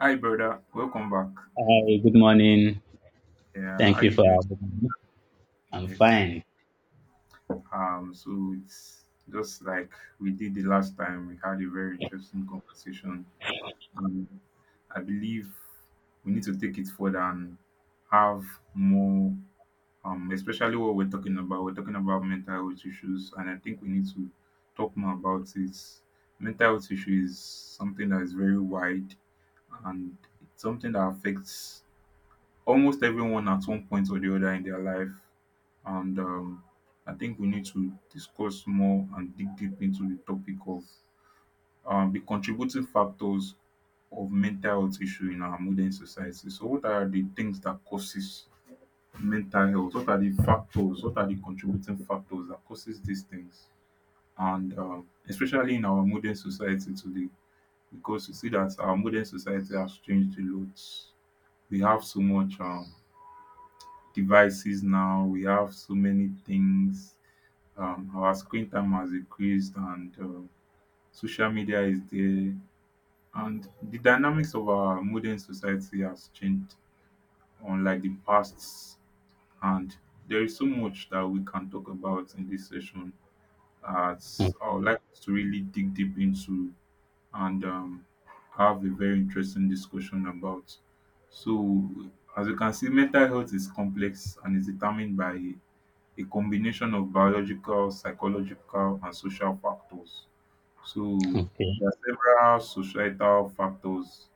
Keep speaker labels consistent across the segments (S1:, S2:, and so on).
S1: Hi, brother. Welcome back.
S2: Hi, good morning.
S1: Yeah, how
S2: Thank you
S1: you
S2: for
S1: doing?
S2: having me. I'm
S1: Yes.
S2: fine.
S1: So it's just like we did the last time. We had a very interesting conversation, and I believe we need to take it further and have more. Especially what we're talking about. We're talking about mental health issues, and I think we need to talk more about it. Mental health issue is something that is very wide, and it's something that affects almost everyone at one point or the other in their life. And I think we need to discuss more and dig deep into the topic of the contributing factors of mental health issue in our modern society. So, what are the things that causes mental health? What are the factors? What are the contributing factors that causes these things? And especially in our modern society today, because you see that our modern society has changed a lot. We have so much devices now. We have so many things. Our screen time has increased, and social media is there. And the dynamics of our modern society has changed, unlike the past. And there is so much that we can talk about in this session, as
S2: Mm.
S1: I would like us to really dig deep into and have a very interesting discussion about. So, as you can see, mental health is complex and is determined by a combination of biological, psychological, and social factors. So
S2: Okay.
S1: there are several societal factors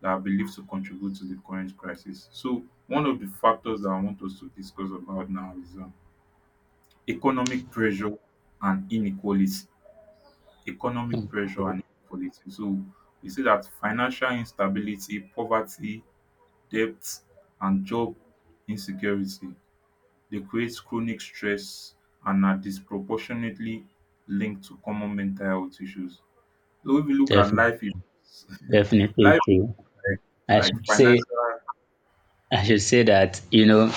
S1: that are believed to contribute to the current crisis. So one of the factors that I want us to discuss about now is economic pressure and inequality. Economic
S2: Mm,
S1: pressure and inequality. So we see that financial instability, poverty, debt, and job insecurity, they create chronic stress and are disproportionately linked to common mental health issues. So if you look at
S2: Defin
S1: life events,
S2: definitely
S1: life events
S2: true. I
S1: like
S2: should say
S1: financial.
S2: I should say that, you know,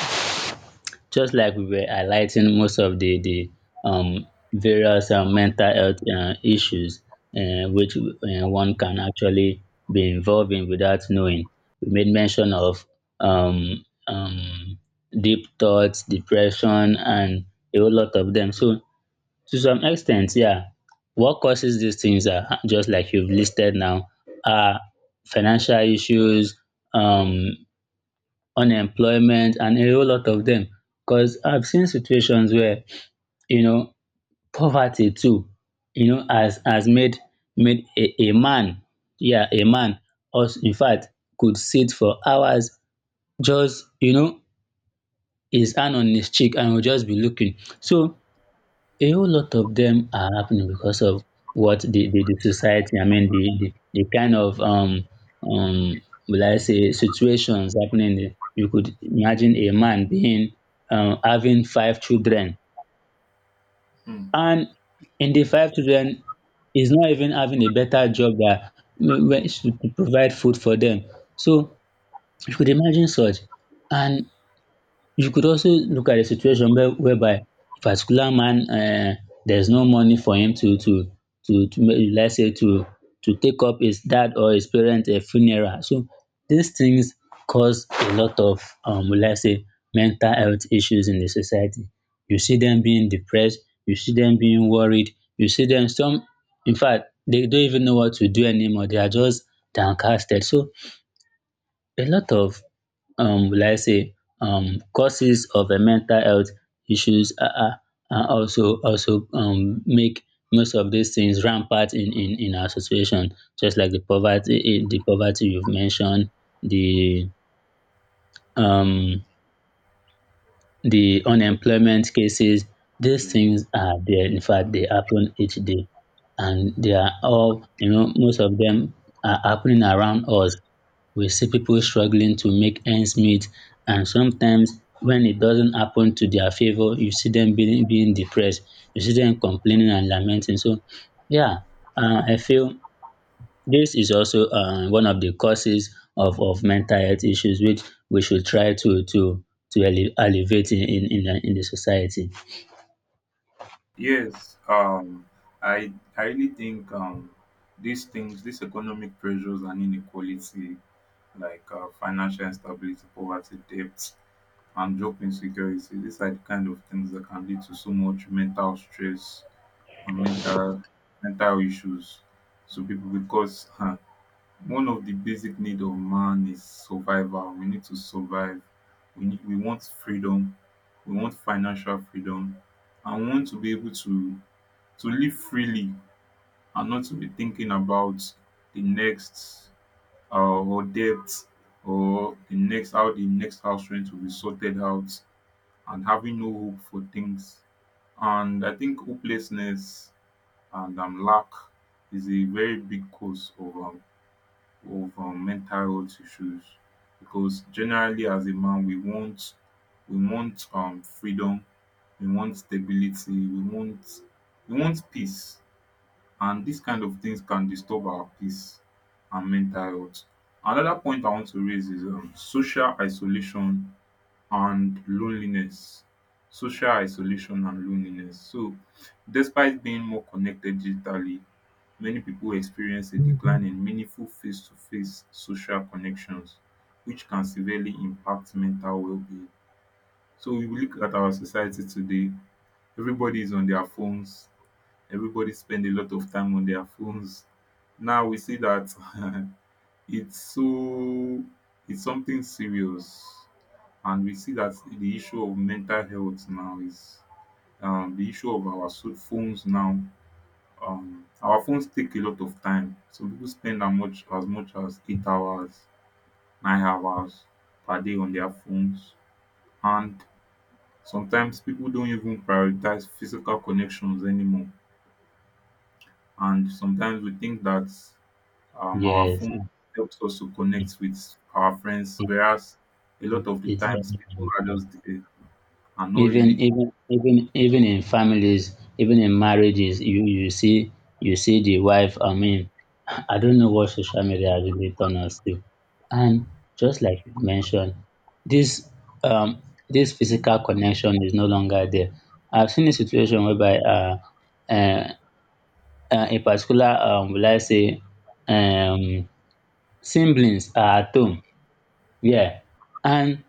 S2: just like we were highlighting most of the various mental health issues, which, one can actually be involved in without knowing. We made mention of um um deep thoughts, depression, and a whole lot of them. So, to some extent, yeah. What causes these things are, just like you've listed now, are financial issues, um, unemployment, and a whole lot of them. Because I've seen situations where, you know poverty too, you know, has made a man, yeah, a man, us in fact, could sit for hours just, his hand on his cheek, and will just be looking. So, a whole lot of them are happening because of what the society, I mean, the kind of, um, will I say, situations happening. You could imagine a man being, having five children.
S1: Hmm.
S2: And in the five children, he's not even having a better job that to provide food for them. So you could imagine such. And you could also look at a situation whereby a particular man, there's no money for him let's say to take up his dad or his parent a funeral. So these things cause a lot of, let's say, mental health issues in the society. You see them being depressed, you see them being worried, you see them some, in fact they don't even know what to do anymore, they are just downcasted. So a lot of, will I say, causes of mental health issues are, also, make most of these things rampant in our situation, just like the poverty, the poverty you've mentioned, the um the unemployment cases, these
S1: Yeah.
S2: things are there. In fact, they happen each day. And they are all, you know, most of them are happening around us. We see people struggling to make ends meet. And sometimes when it doesn't happen to their favor, you see them being depressed. You see them complaining and lamenting. So, yeah, I feel this is also, one of the causes of mental health issues, which we should try to alleviate in the society.
S1: Yes, um, I really think these things, these economic pressures and inequality, like financial instability, poverty, debt, and job insecurity, these are the kind of things that can lead to so much mental stress and mental issues to people because one of the basic need of man is survival. We need to survive. We need, we want freedom. We want financial freedom, and we want to be able to live freely and not to be thinking about the next uh, or debt or the next how the next house rent will be sorted out and having no hope for things. And I think hopelessness and lack is a very big cause of mental health issues because generally as a man we want we want freedom, we want stability, we want peace, and these kind of things can disturb our peace and mental health. Another point I want to raise is social isolation and loneliness. Social isolation and loneliness. So despite being more connected digitally, many people experience a decline in meaningful face-to-face social connections, which can severely impact mental well-being. So if you look at our society today, everybody is on their phones, everybody spend a lot of time on their phones. Now we see that it's so it's something serious, and we see that the issue of mental health now is the issue of our so phones now. Our phones take a lot of time. Some people spend as much as 8 hours, 9 hours per day on their phones. And sometimes people don't even prioritize physical connections anymore. And sometimes we think that our
S2: Yes,
S1: phone helps us to connect with our friends,
S2: it,
S1: whereas a lot of the
S2: it's
S1: times
S2: very
S1: people are
S2: important.
S1: just there and not
S2: even
S1: really.
S2: even even even in families, even in marriages, you see, the wife, I mean, I don't know what social media has really turned us to. And just like you mentioned, this um this physical connection is no longer there. I've seen a situation whereby, uh, in particular, will I say, um siblings are at home, yeah, and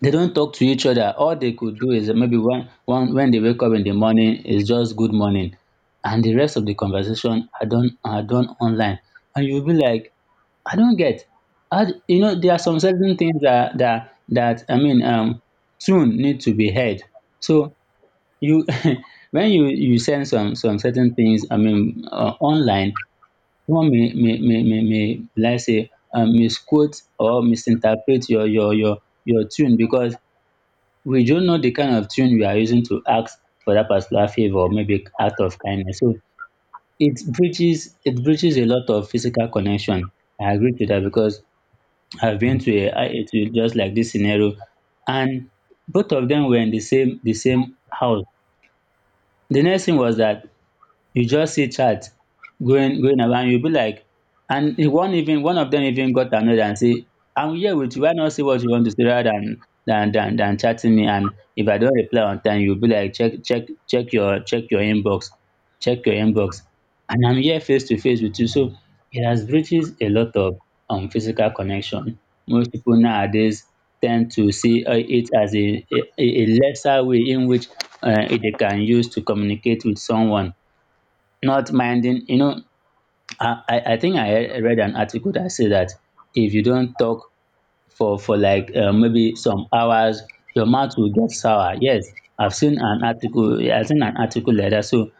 S2: they don't talk to each other. All they could do is maybe one, when they wake up in the morning, is just good morning, and the rest of the conversation are done online. And you'll be like, I don't get, you know, there are some certain things that, soon, need to be heard. So you, when you send some certain things, I mean, online, someone may like say, misquote or misinterpret your tune, because we don't know the kind of tune we are using to ask for that particular favor or maybe act of kindness. So it breaches a lot of physical connection. I agree to that, because I've been to just like this scenario, and both of them were in the same house. The next thing was that you just see chat going around. You will be like, and one of them even got annoyed and say, I'm here with you, why not say what you want to say rather than chatting me? And if I don't reply on time, you be like, check your, inbox, check your inbox and I'm here face to face with you. So it has breaches a lot of, physical connection. Most people nowadays tend to see, it as a lesser way in which, they can use to communicate with someone, not minding, I think read an article that said that if you don't talk for like, maybe some hours, your mouth will get sour. Yes, I seen an article like that. So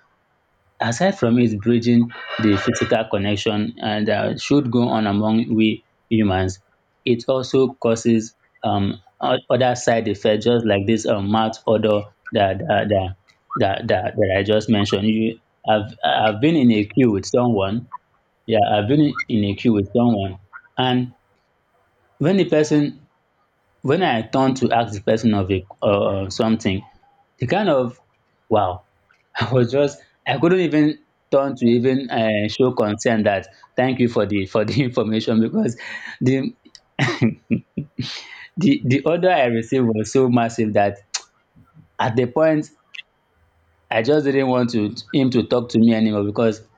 S2: aside from it bridging the physical connection and, that should go on among we humans, it also causes, other side effects, just like this, mouth odor that that, that that I just mentioned you. I've, been in a queue with someone, yeah, I've been in a queue with someone, and when the person when I turn to ask the person of, a something, the kind of, wow, I was just, I couldn't even turn to even, show concern that, thank you for the, information, because the the order I received was so massive that at the point I just didn't want to him to talk to me anymore. Because,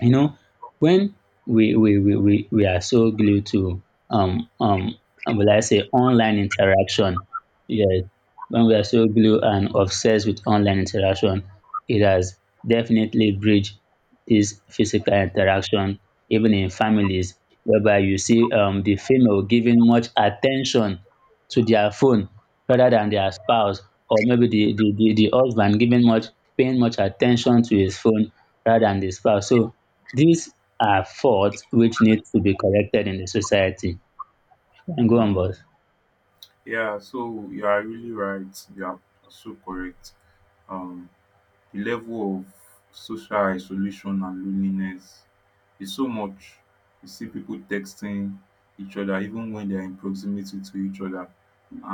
S2: you know, when we are so glued to, um um will I say, online interaction, yes, when we are so glued and obsessed with online interaction, it has definitely bridged this physical interaction, even in families, whereby you see, the female giving much attention to their phone rather than their spouse, or maybe the husband giving much paying much attention to his phone rather than the spouse. So these are faults which need to be corrected in the society. And go on,
S1: Mm,
S2: boss.
S1: yeah, so you are really right, you are so correct. um The level of social isolation and loneliness is so much. You see people texting each other even when they are in proximity to each other,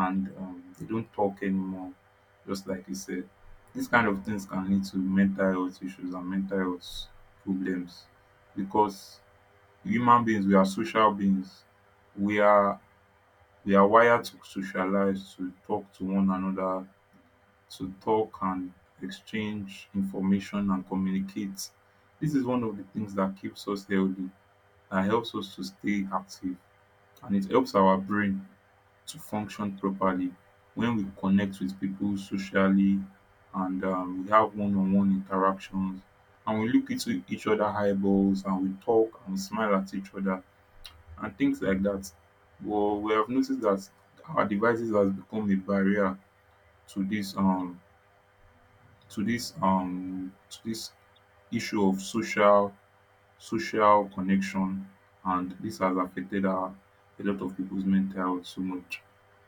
S1: and they don't talk anymore, just like you said. These kind of things can lead to mental health issues and mental health problems because human beings, we are social beings, we are we are wired to socialize, to talk to one another, to talk and exchange information and communicate. This is one of the things that keeps us healthy, that helps us to stay active, and it helps our brain to function properly when we connect with people socially, and we have one on one interactions, and we look into each other eyeballs, and we talk and we smile at each other and things like that. Well, we have noticed that our devices has become a barrier to this to this to this issue of social social connection, and this has affected a lot of people's mental health so much.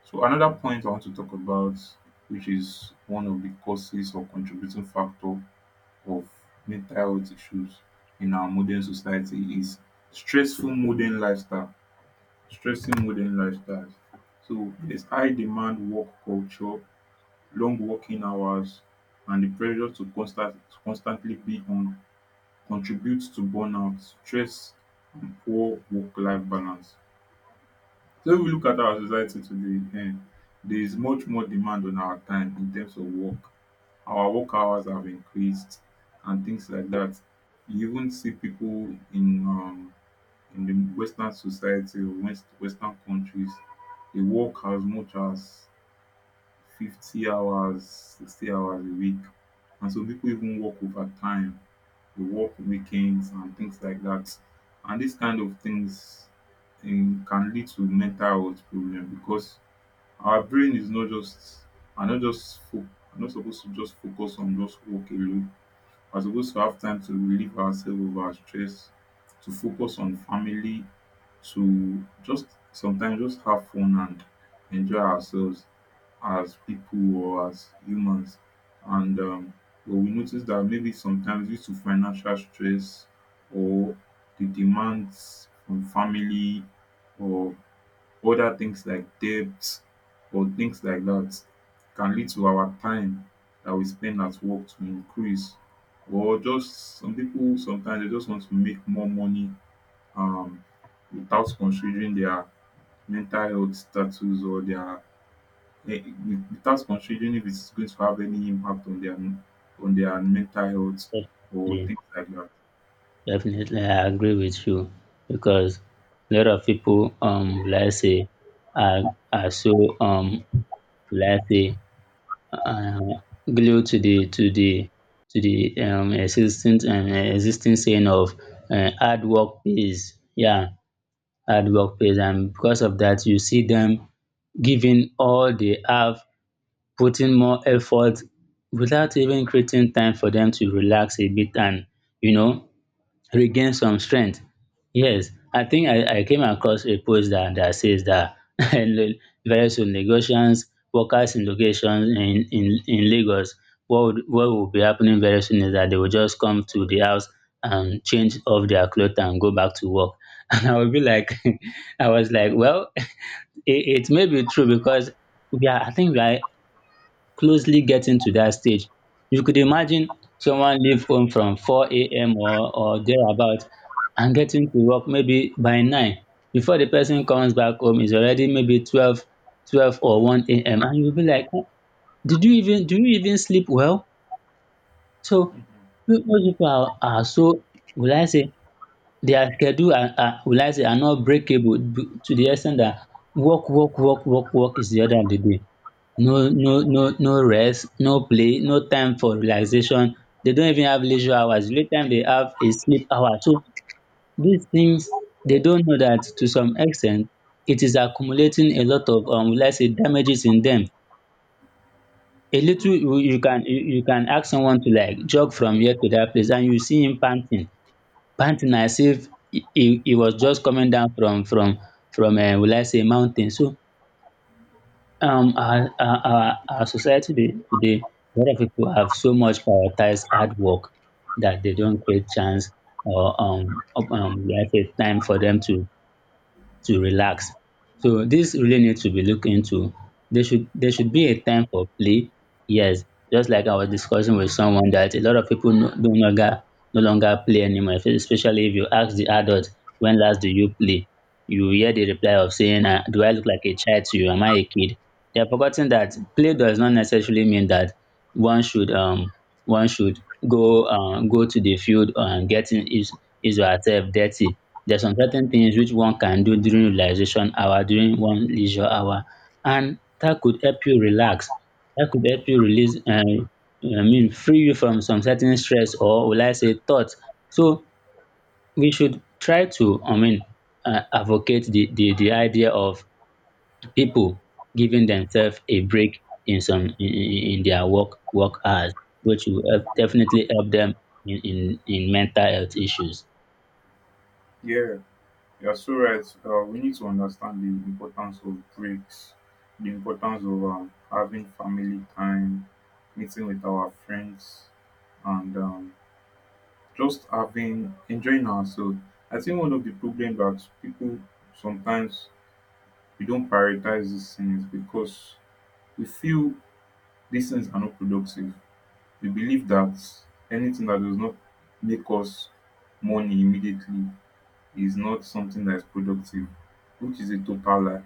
S1: So another point I want to talk about, which is one of the causes or contributing factor of mental health issues in our modern society, is stressful modern lifestyle, stressing modern lifestyles. So there's high demand work culture, long working hours, and the pressure to constantly be on contributes to burnout, stress and poor work-life balance. So if we look at our society today there is much more demand on our time in terms of work. Our work hours have increased and things like that. You even see people in the western society or west western countries. They work as much as 50 hours, 60 hours a week. And some people even work overtime, they work weekends and things like that. And these kind of things in, can lead to mental health problem because our brain is not just are not just fo- are not supposed to just focus on just work alone. We're supposed to have time to relieve ourselves of our stress, to focus on family, to just sometimes just have fun and enjoy ourselves as people or as humans, and but we notice that maybe sometimes due to financial stress or the demands from family or other things like debt or things like that can lead to our time that we spend at work to increase, or just some people sometimes they just want to make more money um without considering their mental health status or their eh, without considering if it's going to have any impact on their mental health or
S2: Definitely,
S1: things like that.
S2: I agree with you. Because a lot of people, let's say, are, so, let's say, uh, glued to the to the to the existing, saying of, hard work pays. Yeah, hard work pays, and because of that, you see them giving all they have, put in more effort without even creating time for them to relax a bit and, you know, regain some strength. Yes, I think, I came across a post that says that, very soon negotiations, workers in locations in Lagos, what will be happening very soon is that they will just come to the house and change off their clothes and go back to work. And I would be like, I was like, well, it may be true, because I think we are closely getting to dat stage. You could imagine someone leave home from 4 a.m. Or thereabout, and getting to work maybe by nine, before the person comes back home is already maybe 12 or 1 a.m., and you be like, "Oh, did you even do you even sleep well?" So
S1: Hmm.
S2: most people are, so, will I say, their schedule are, will I say, are not breakable b- to the ex ten t dat, work work work work work is the order of the day, no no no no rest, no play, no time for relaxation. They don't even have leisure hours, the only time they have is sleep hour. So these things, they don't know that to some extent it is accumulating a lot of, will I say, damages in them. A little,
S1: Hmm.
S2: you you can ask someone to like jog from here to that place and you see him panting, panting as if he was just coming down from, will I say, mountain. So, our society, today, a lot of people have so much prioritized hard work, that they don't create chance, or, let's say, time for them to, relax. So this really needs to be looked into. There should be a time for play. Yes, just like I was discussing with someone that a lot of people, no longer play anymore. Especially if you ask the adult, when last do you play? You hear the reply of saying, "Do I look like a child to you? Am I a kid?" They are forgotten that play does not necessarily mean that one should um one should go, go to the field and getting his or herself dirty. There's some certain things which one can do during relaxation hour, during one leisure hour, and that could help you relax. That could help you release, free you from some certain stress or will I say thoughts. So we should try to, advocate the idea of people giving themselves a break in some in their work hours, which will help, definitely help them in mental health issues.
S1: Yeah, you're so right. We need to understand the importance of breaks, the importance of having family time, meeting with our friends, and just having enjoying ourselves. I think one of the problems that people sometimes we don't prioritize these things because we feel these things are not productive. We believe that anything that does not make us money immediately is not something that is productive, which is a total lie.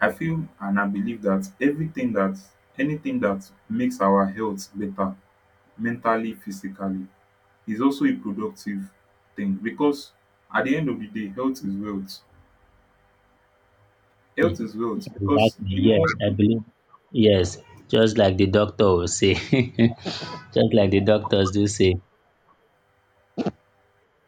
S1: I feel and I believe that everything that anything that makes our health better, mentally, physically, is also a productive thing because at the end of the day, health is wealth. Health is wealth because
S2: Exactly.
S1: the
S2: Yes,
S1: more
S2: I believe. Yes, just like the doctor will say, just like the doctors do say.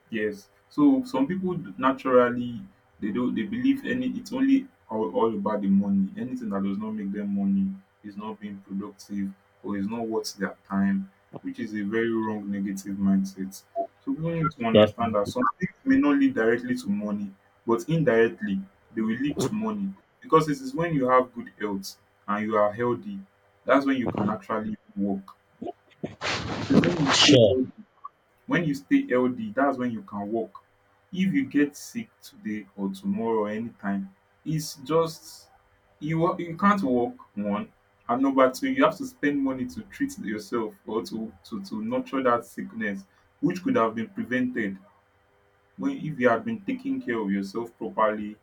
S1: Yes. So some people naturally they don't they believe any it's only all about the money. Anything that does not make them money is not being productive or is not worth their time, which is a very wrong negative mindset. So people need to
S2: Def-
S1: understand that some things may not lead directly to money, but indirectly they will lead to money. Because it is when you have good health and you are healthy, that's when you can actually work. It is when you stay
S2: sure.
S1: healthy when you stay healthy that's when you can walk. If you get sick today or tomorrow or anytime, it's just you can't walk, one, and number two you have to spend money to treat yourself or to to nurture that sickness, which could have been prevented when if you had been taking care of yourself properly,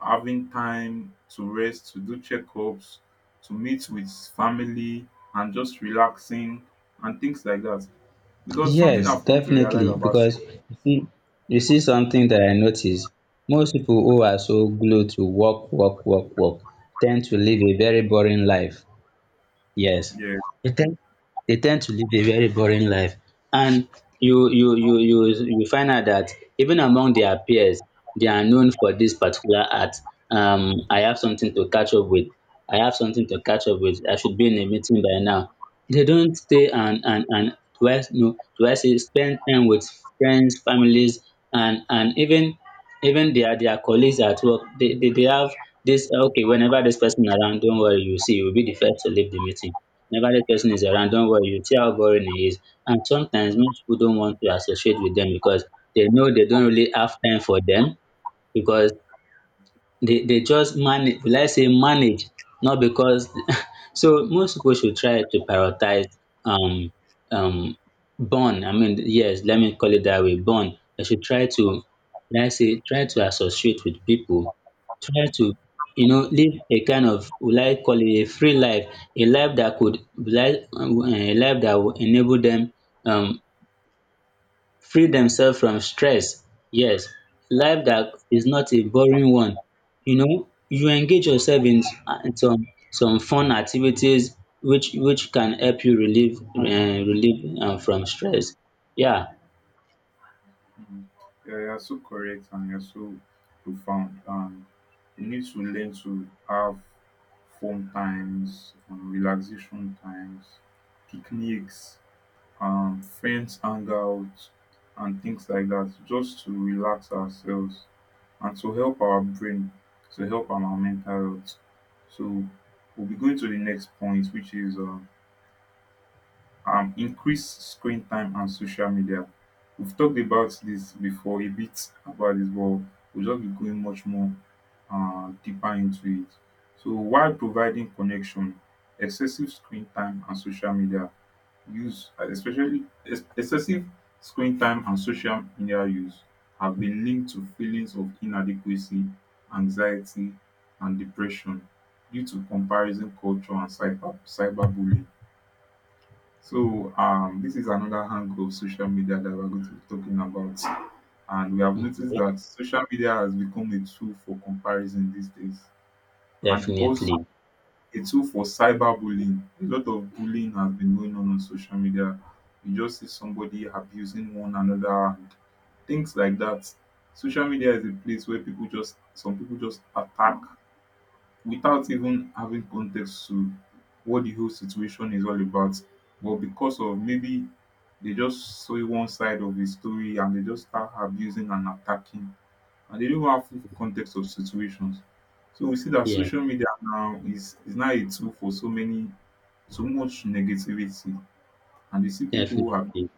S1: having time to rest, to do checkups, to meet with family, and just relaxing and things like that. Because something
S2: Yes,
S1: I've come to realize
S2: definitely.
S1: about
S2: Because you see something that I notice. Most people who are so glued to work, work, work, work tend to live a very boring life. Yes.
S1: Yes.
S2: They tend they tend to live a very boring life. And you find out that even among their peers, they are known for this particular art. I have something to catch up with. I have something to catch up with. I should be in a meeting by now. They don't stay and do I no do I say spend time with friends, families, and even their colleagues at work. They have this okay. Whenever this person around, don't worry. You see, you'll be the first to leave the meeting. Negative person is around, don't worry, you see how boring he is. And sometimes most people don't want to associate with them because they know they don't really have time for them because they just manage will I say manage not because so most people should try to prioritize um um born. I mean yes, let me call it that way, born. They should try to let's say try to associate with people, try to you know live a kind of will I call it a free life, a life that could will I a life that will enable them um free themselves from stress. Yes, life that is not a boring one. You know, you engage yourself in in some fun activities which can help you relieve from stress. Yeah,
S1: Mhm. Yeah, you're so correct and you're so profound. And we need to learn to have fun times, relaxation times, picnics, friends hangouts, and things like that, just to relax ourselves and to help our brain, to help our mental health. So we'll be going to the next point, which is increased screen time and social media. We've talked about this before a bit about this, but we'll just be going much more deeper into it. So while providing connection, excessive screen time and social media use, uh, especially excessive screen time and social media use have been linked to feelings of inadequacy, anxiety and depression due to comparison culture and cyberbullying. So, this is another angle of social media that we're going to be talking about. And we have noticed that social media has become a tool for comparison these days and also
S2: definitely.
S1: a tool for cyberbullying. A lot of bullying has been going on social media. You just see somebody abusing one another and things like that. Social media is a place where people just, some people just attack without even having context to what the whole situation is all about, but because of maybe they just saw one side of the story and they just start abusing and attacking, and they don't have full context of situations. So we see that
S2: Yeah,
S1: social media now is now a tool for so many, so much negativity, and you see people who are
S2: definitely.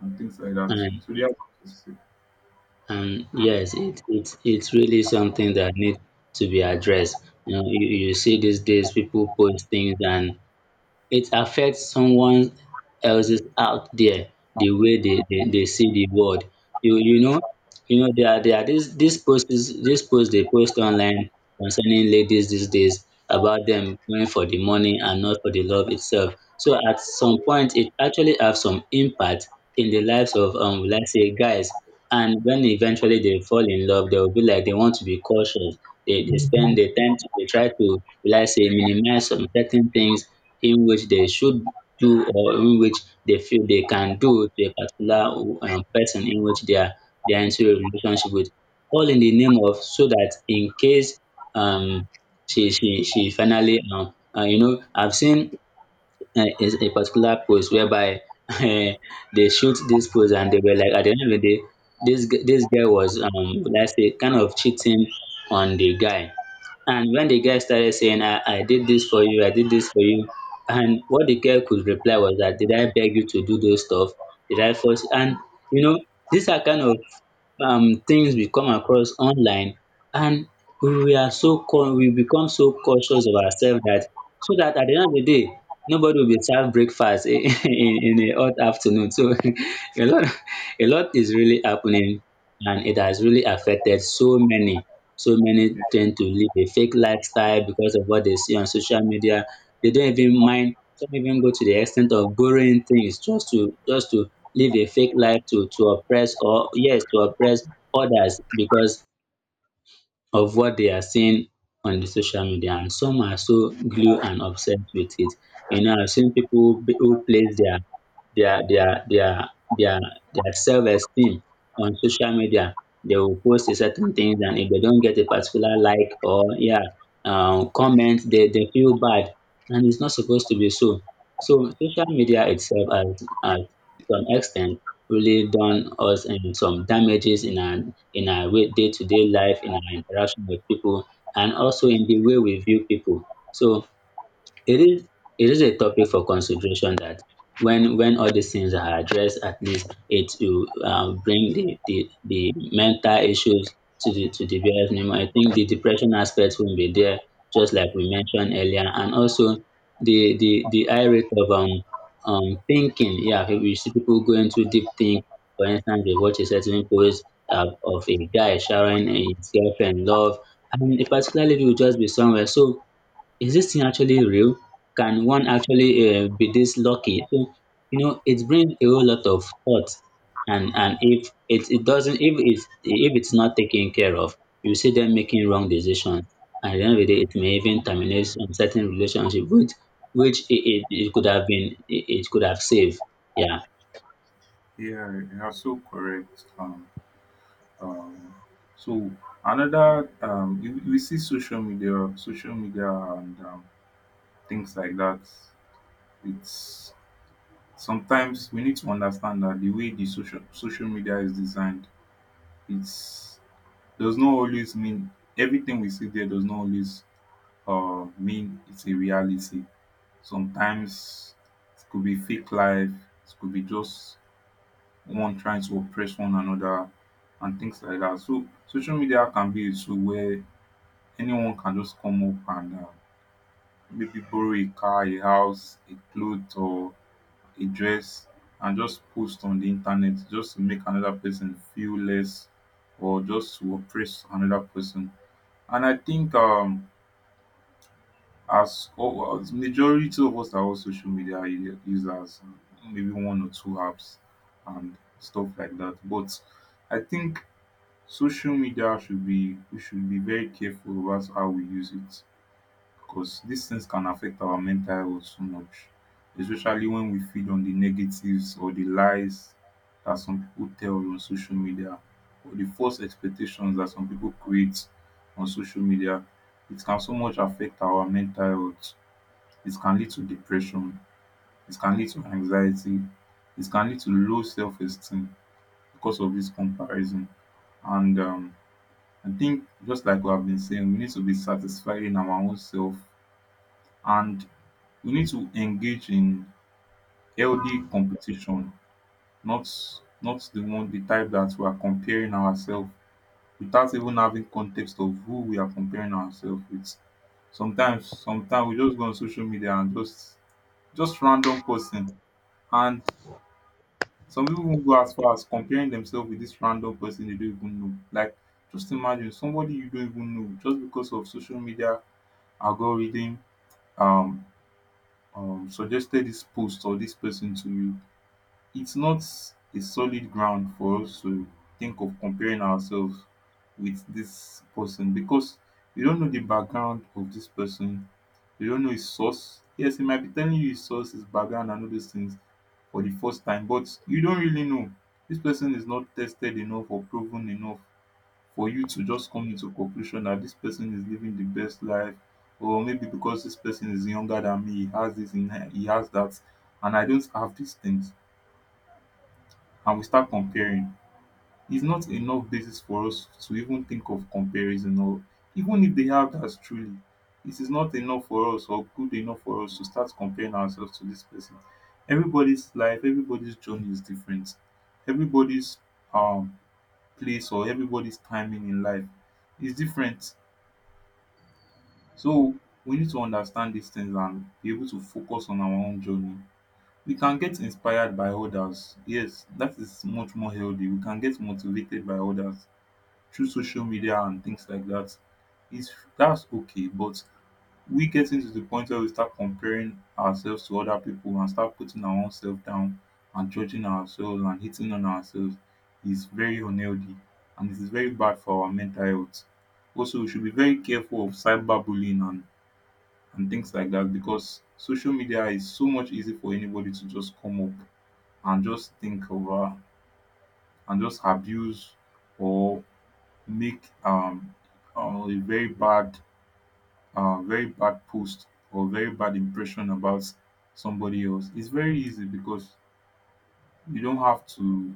S1: and things like that,
S2: And
S1: so they have
S2: and yes, it's really something that needs to be addressed. You know, you see these days people post things and it affects someone else's out there, the way they see the world. You you know there are this post they post online concerning ladies these days about them going for the money and not for the love itself. So at some point it actually have some impact in the lives of let's say guys. And when eventually they fall in love they will be like they want to be cautious. They they spend they tend to they try to let's say minimize some certain things in which they should do or in which they feel they can do to a particular person in which they are their entire relationship with, all in the name of so that in case um she finally you know I've seen is a particular post whereby uh, they shoot this post and they were like at the end of the day this this guy was let's say kind of cheating on the guy. And when the guy started saying I did this for you, and what the girl could reply was that did I beg you to do those stuff, did I force, and you know these are kind of things we come across online. And we are so we become so cautious of ourselves that so that at the end of the day nobody will be served breakfast in a hot afternoon. So a lot a lot is really happening and it has really affected so many. So many
S1: yeah,
S2: tend to live a fake lifestyle because of what they see on social media. They don't even mind, some even go to the extent of borrowing things just to live a fake life to oppress or yes, to oppress others because of what they are seeing on the social media. And some are so glued and obsessed with it. You know, I've seen people who place their their their their their their self-esteem on social media. They will post a certain things and if they don't get a particular like or yeah comment, they feel bad and it's not supposed to be so. So social media itself at some extent really done us some damages in our day-to-day life, in our interaction with people, and also in the way we view people. So it is it is a topic for consideration that when all these things are addressed, at least it will bring the mental issues to the bear's minimum. I think the depression aspect will be there, just like we mentioned earlier, and also the high rate of thinking. Yeah, we see people going to deep think. For instance, they watch a certain post of a guy showering his girlfriend love, and particularly if you just be somewhere so is this thing actually real? Can one actually be this lucky? So, you know, it brings a whole lot of thought. And if it, it doesn't, if it's not taken care of, you see them making wrong decisions. And at the end of the day, it may even terminate some certain relationship, which it could have been, it could have saved. Yeah.
S1: yeah, you are so correct. Um, so another you we see social media, and things like that. It's sometimes we need to understand that the way the social media is designed, it's does not always mean everything we see there does not always mean it's a reality. Sometimes it could be fake life, it could be just one trying to oppress one another and things like that. So social media can be a tool where anyone can just come up and maybe borrow a car, a house, a cloth, or a dress and just post on the internet just to make another person feel less, or just to oppress another person. And I think as majority of us are all social media users, maybe one or two apps and stuff like that. But I think social media should be we should be very careful about how we use it, because these things can affect our mental health so much, especially when we feed on the negatives or the lies that some people tell on social media, or the false expectations that some people create on social media. It can so much affect our mental health. It can lead to depression. It can lead to anxiety. It can lead to low self esteem because of this comparison. And I think, just like we have been saying, we need to be satisfied in our own self, and we need to engage in healthy competition, not not the one the type that we are comparing ourselves without even having context of who we are comparing ourselves with. Sometimes we just go on social media and just random person, and some people even go as far as comparing themselves with this random person they don't even know. Like just imagine somebody you don't even know just because of social media algorithm um, suggested this post or this person to you. It's not a solid ground for us to think of comparing ourselves with this person, because we don't know the background of this person. We don't know his source. Yes, he might be telling you his source, his background, and all those things for the first time, but you don't really know. This person is not tested enough or proven enough for you to just come into conclusion that this person is living the best life, or maybe because this person is younger than me, he has this, and he has that, and I don't have these things, and we start comparing. It's not enough basis for us to even think of comparison, or even if they have that, truly it is not enough for us or good enough for us to start comparing ourselves to this person. Everybody's life, everybody's journey is different. Everybody's um place, or everybody's timing in life, is different. So we need to understand these things and be able to focus on our own journey. We can get inspired by others. Yes, that is much more healthy. We can get motivated by others through social media and things like that. It's That's okay, but we getting to the point where we start comparing ourselves to other people and start putting our own self down and judging ourselves and hitting on ourselves is very unhealthy, and it is very bad for our mental health. Also, we should be very careful of cyberbullying and things like that, because social media is so much easy for anybody to just come up and just think over and just abuse, or make a very bad post or very bad impression about somebody else. It's very easy because you don't have to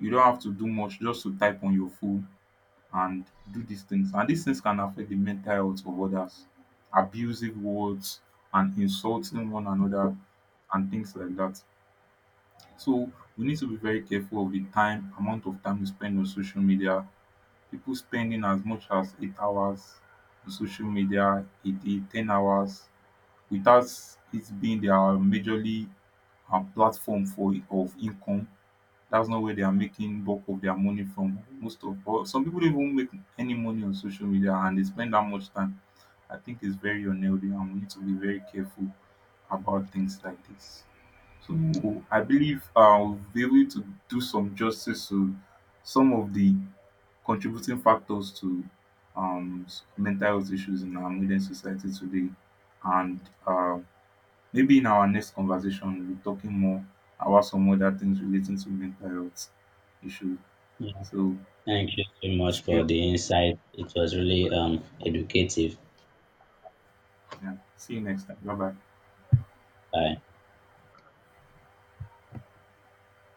S1: you don't have to do much just to type on your phone and do these things. And these things can affect the mental health of others. Abusive words and insulting one another and things like that. So we need to be very careful of the time, amount of time we spend on social media. People spending as much as 8 hours on social media a day, 10 hours, without it being their majorly platform for of income. That's not where they are making bulk of their money from. Most of or some people don't even make any money on social media and they spend that much time. I think it's very unhealthy and we need to be very careful about things like this. So I believe I'll be able to do some justice to some of the contributing factors to mental health issues in our modern society today. And uh, maybe in our next conversation, we'll be talking more about some other things relating to mental health issues.
S2: Yeah.
S1: So
S2: Thank you so much
S1: see you,
S2: for the insight. It was really educative.
S1: yeah, see you next time. Bye bye.
S2: Bye.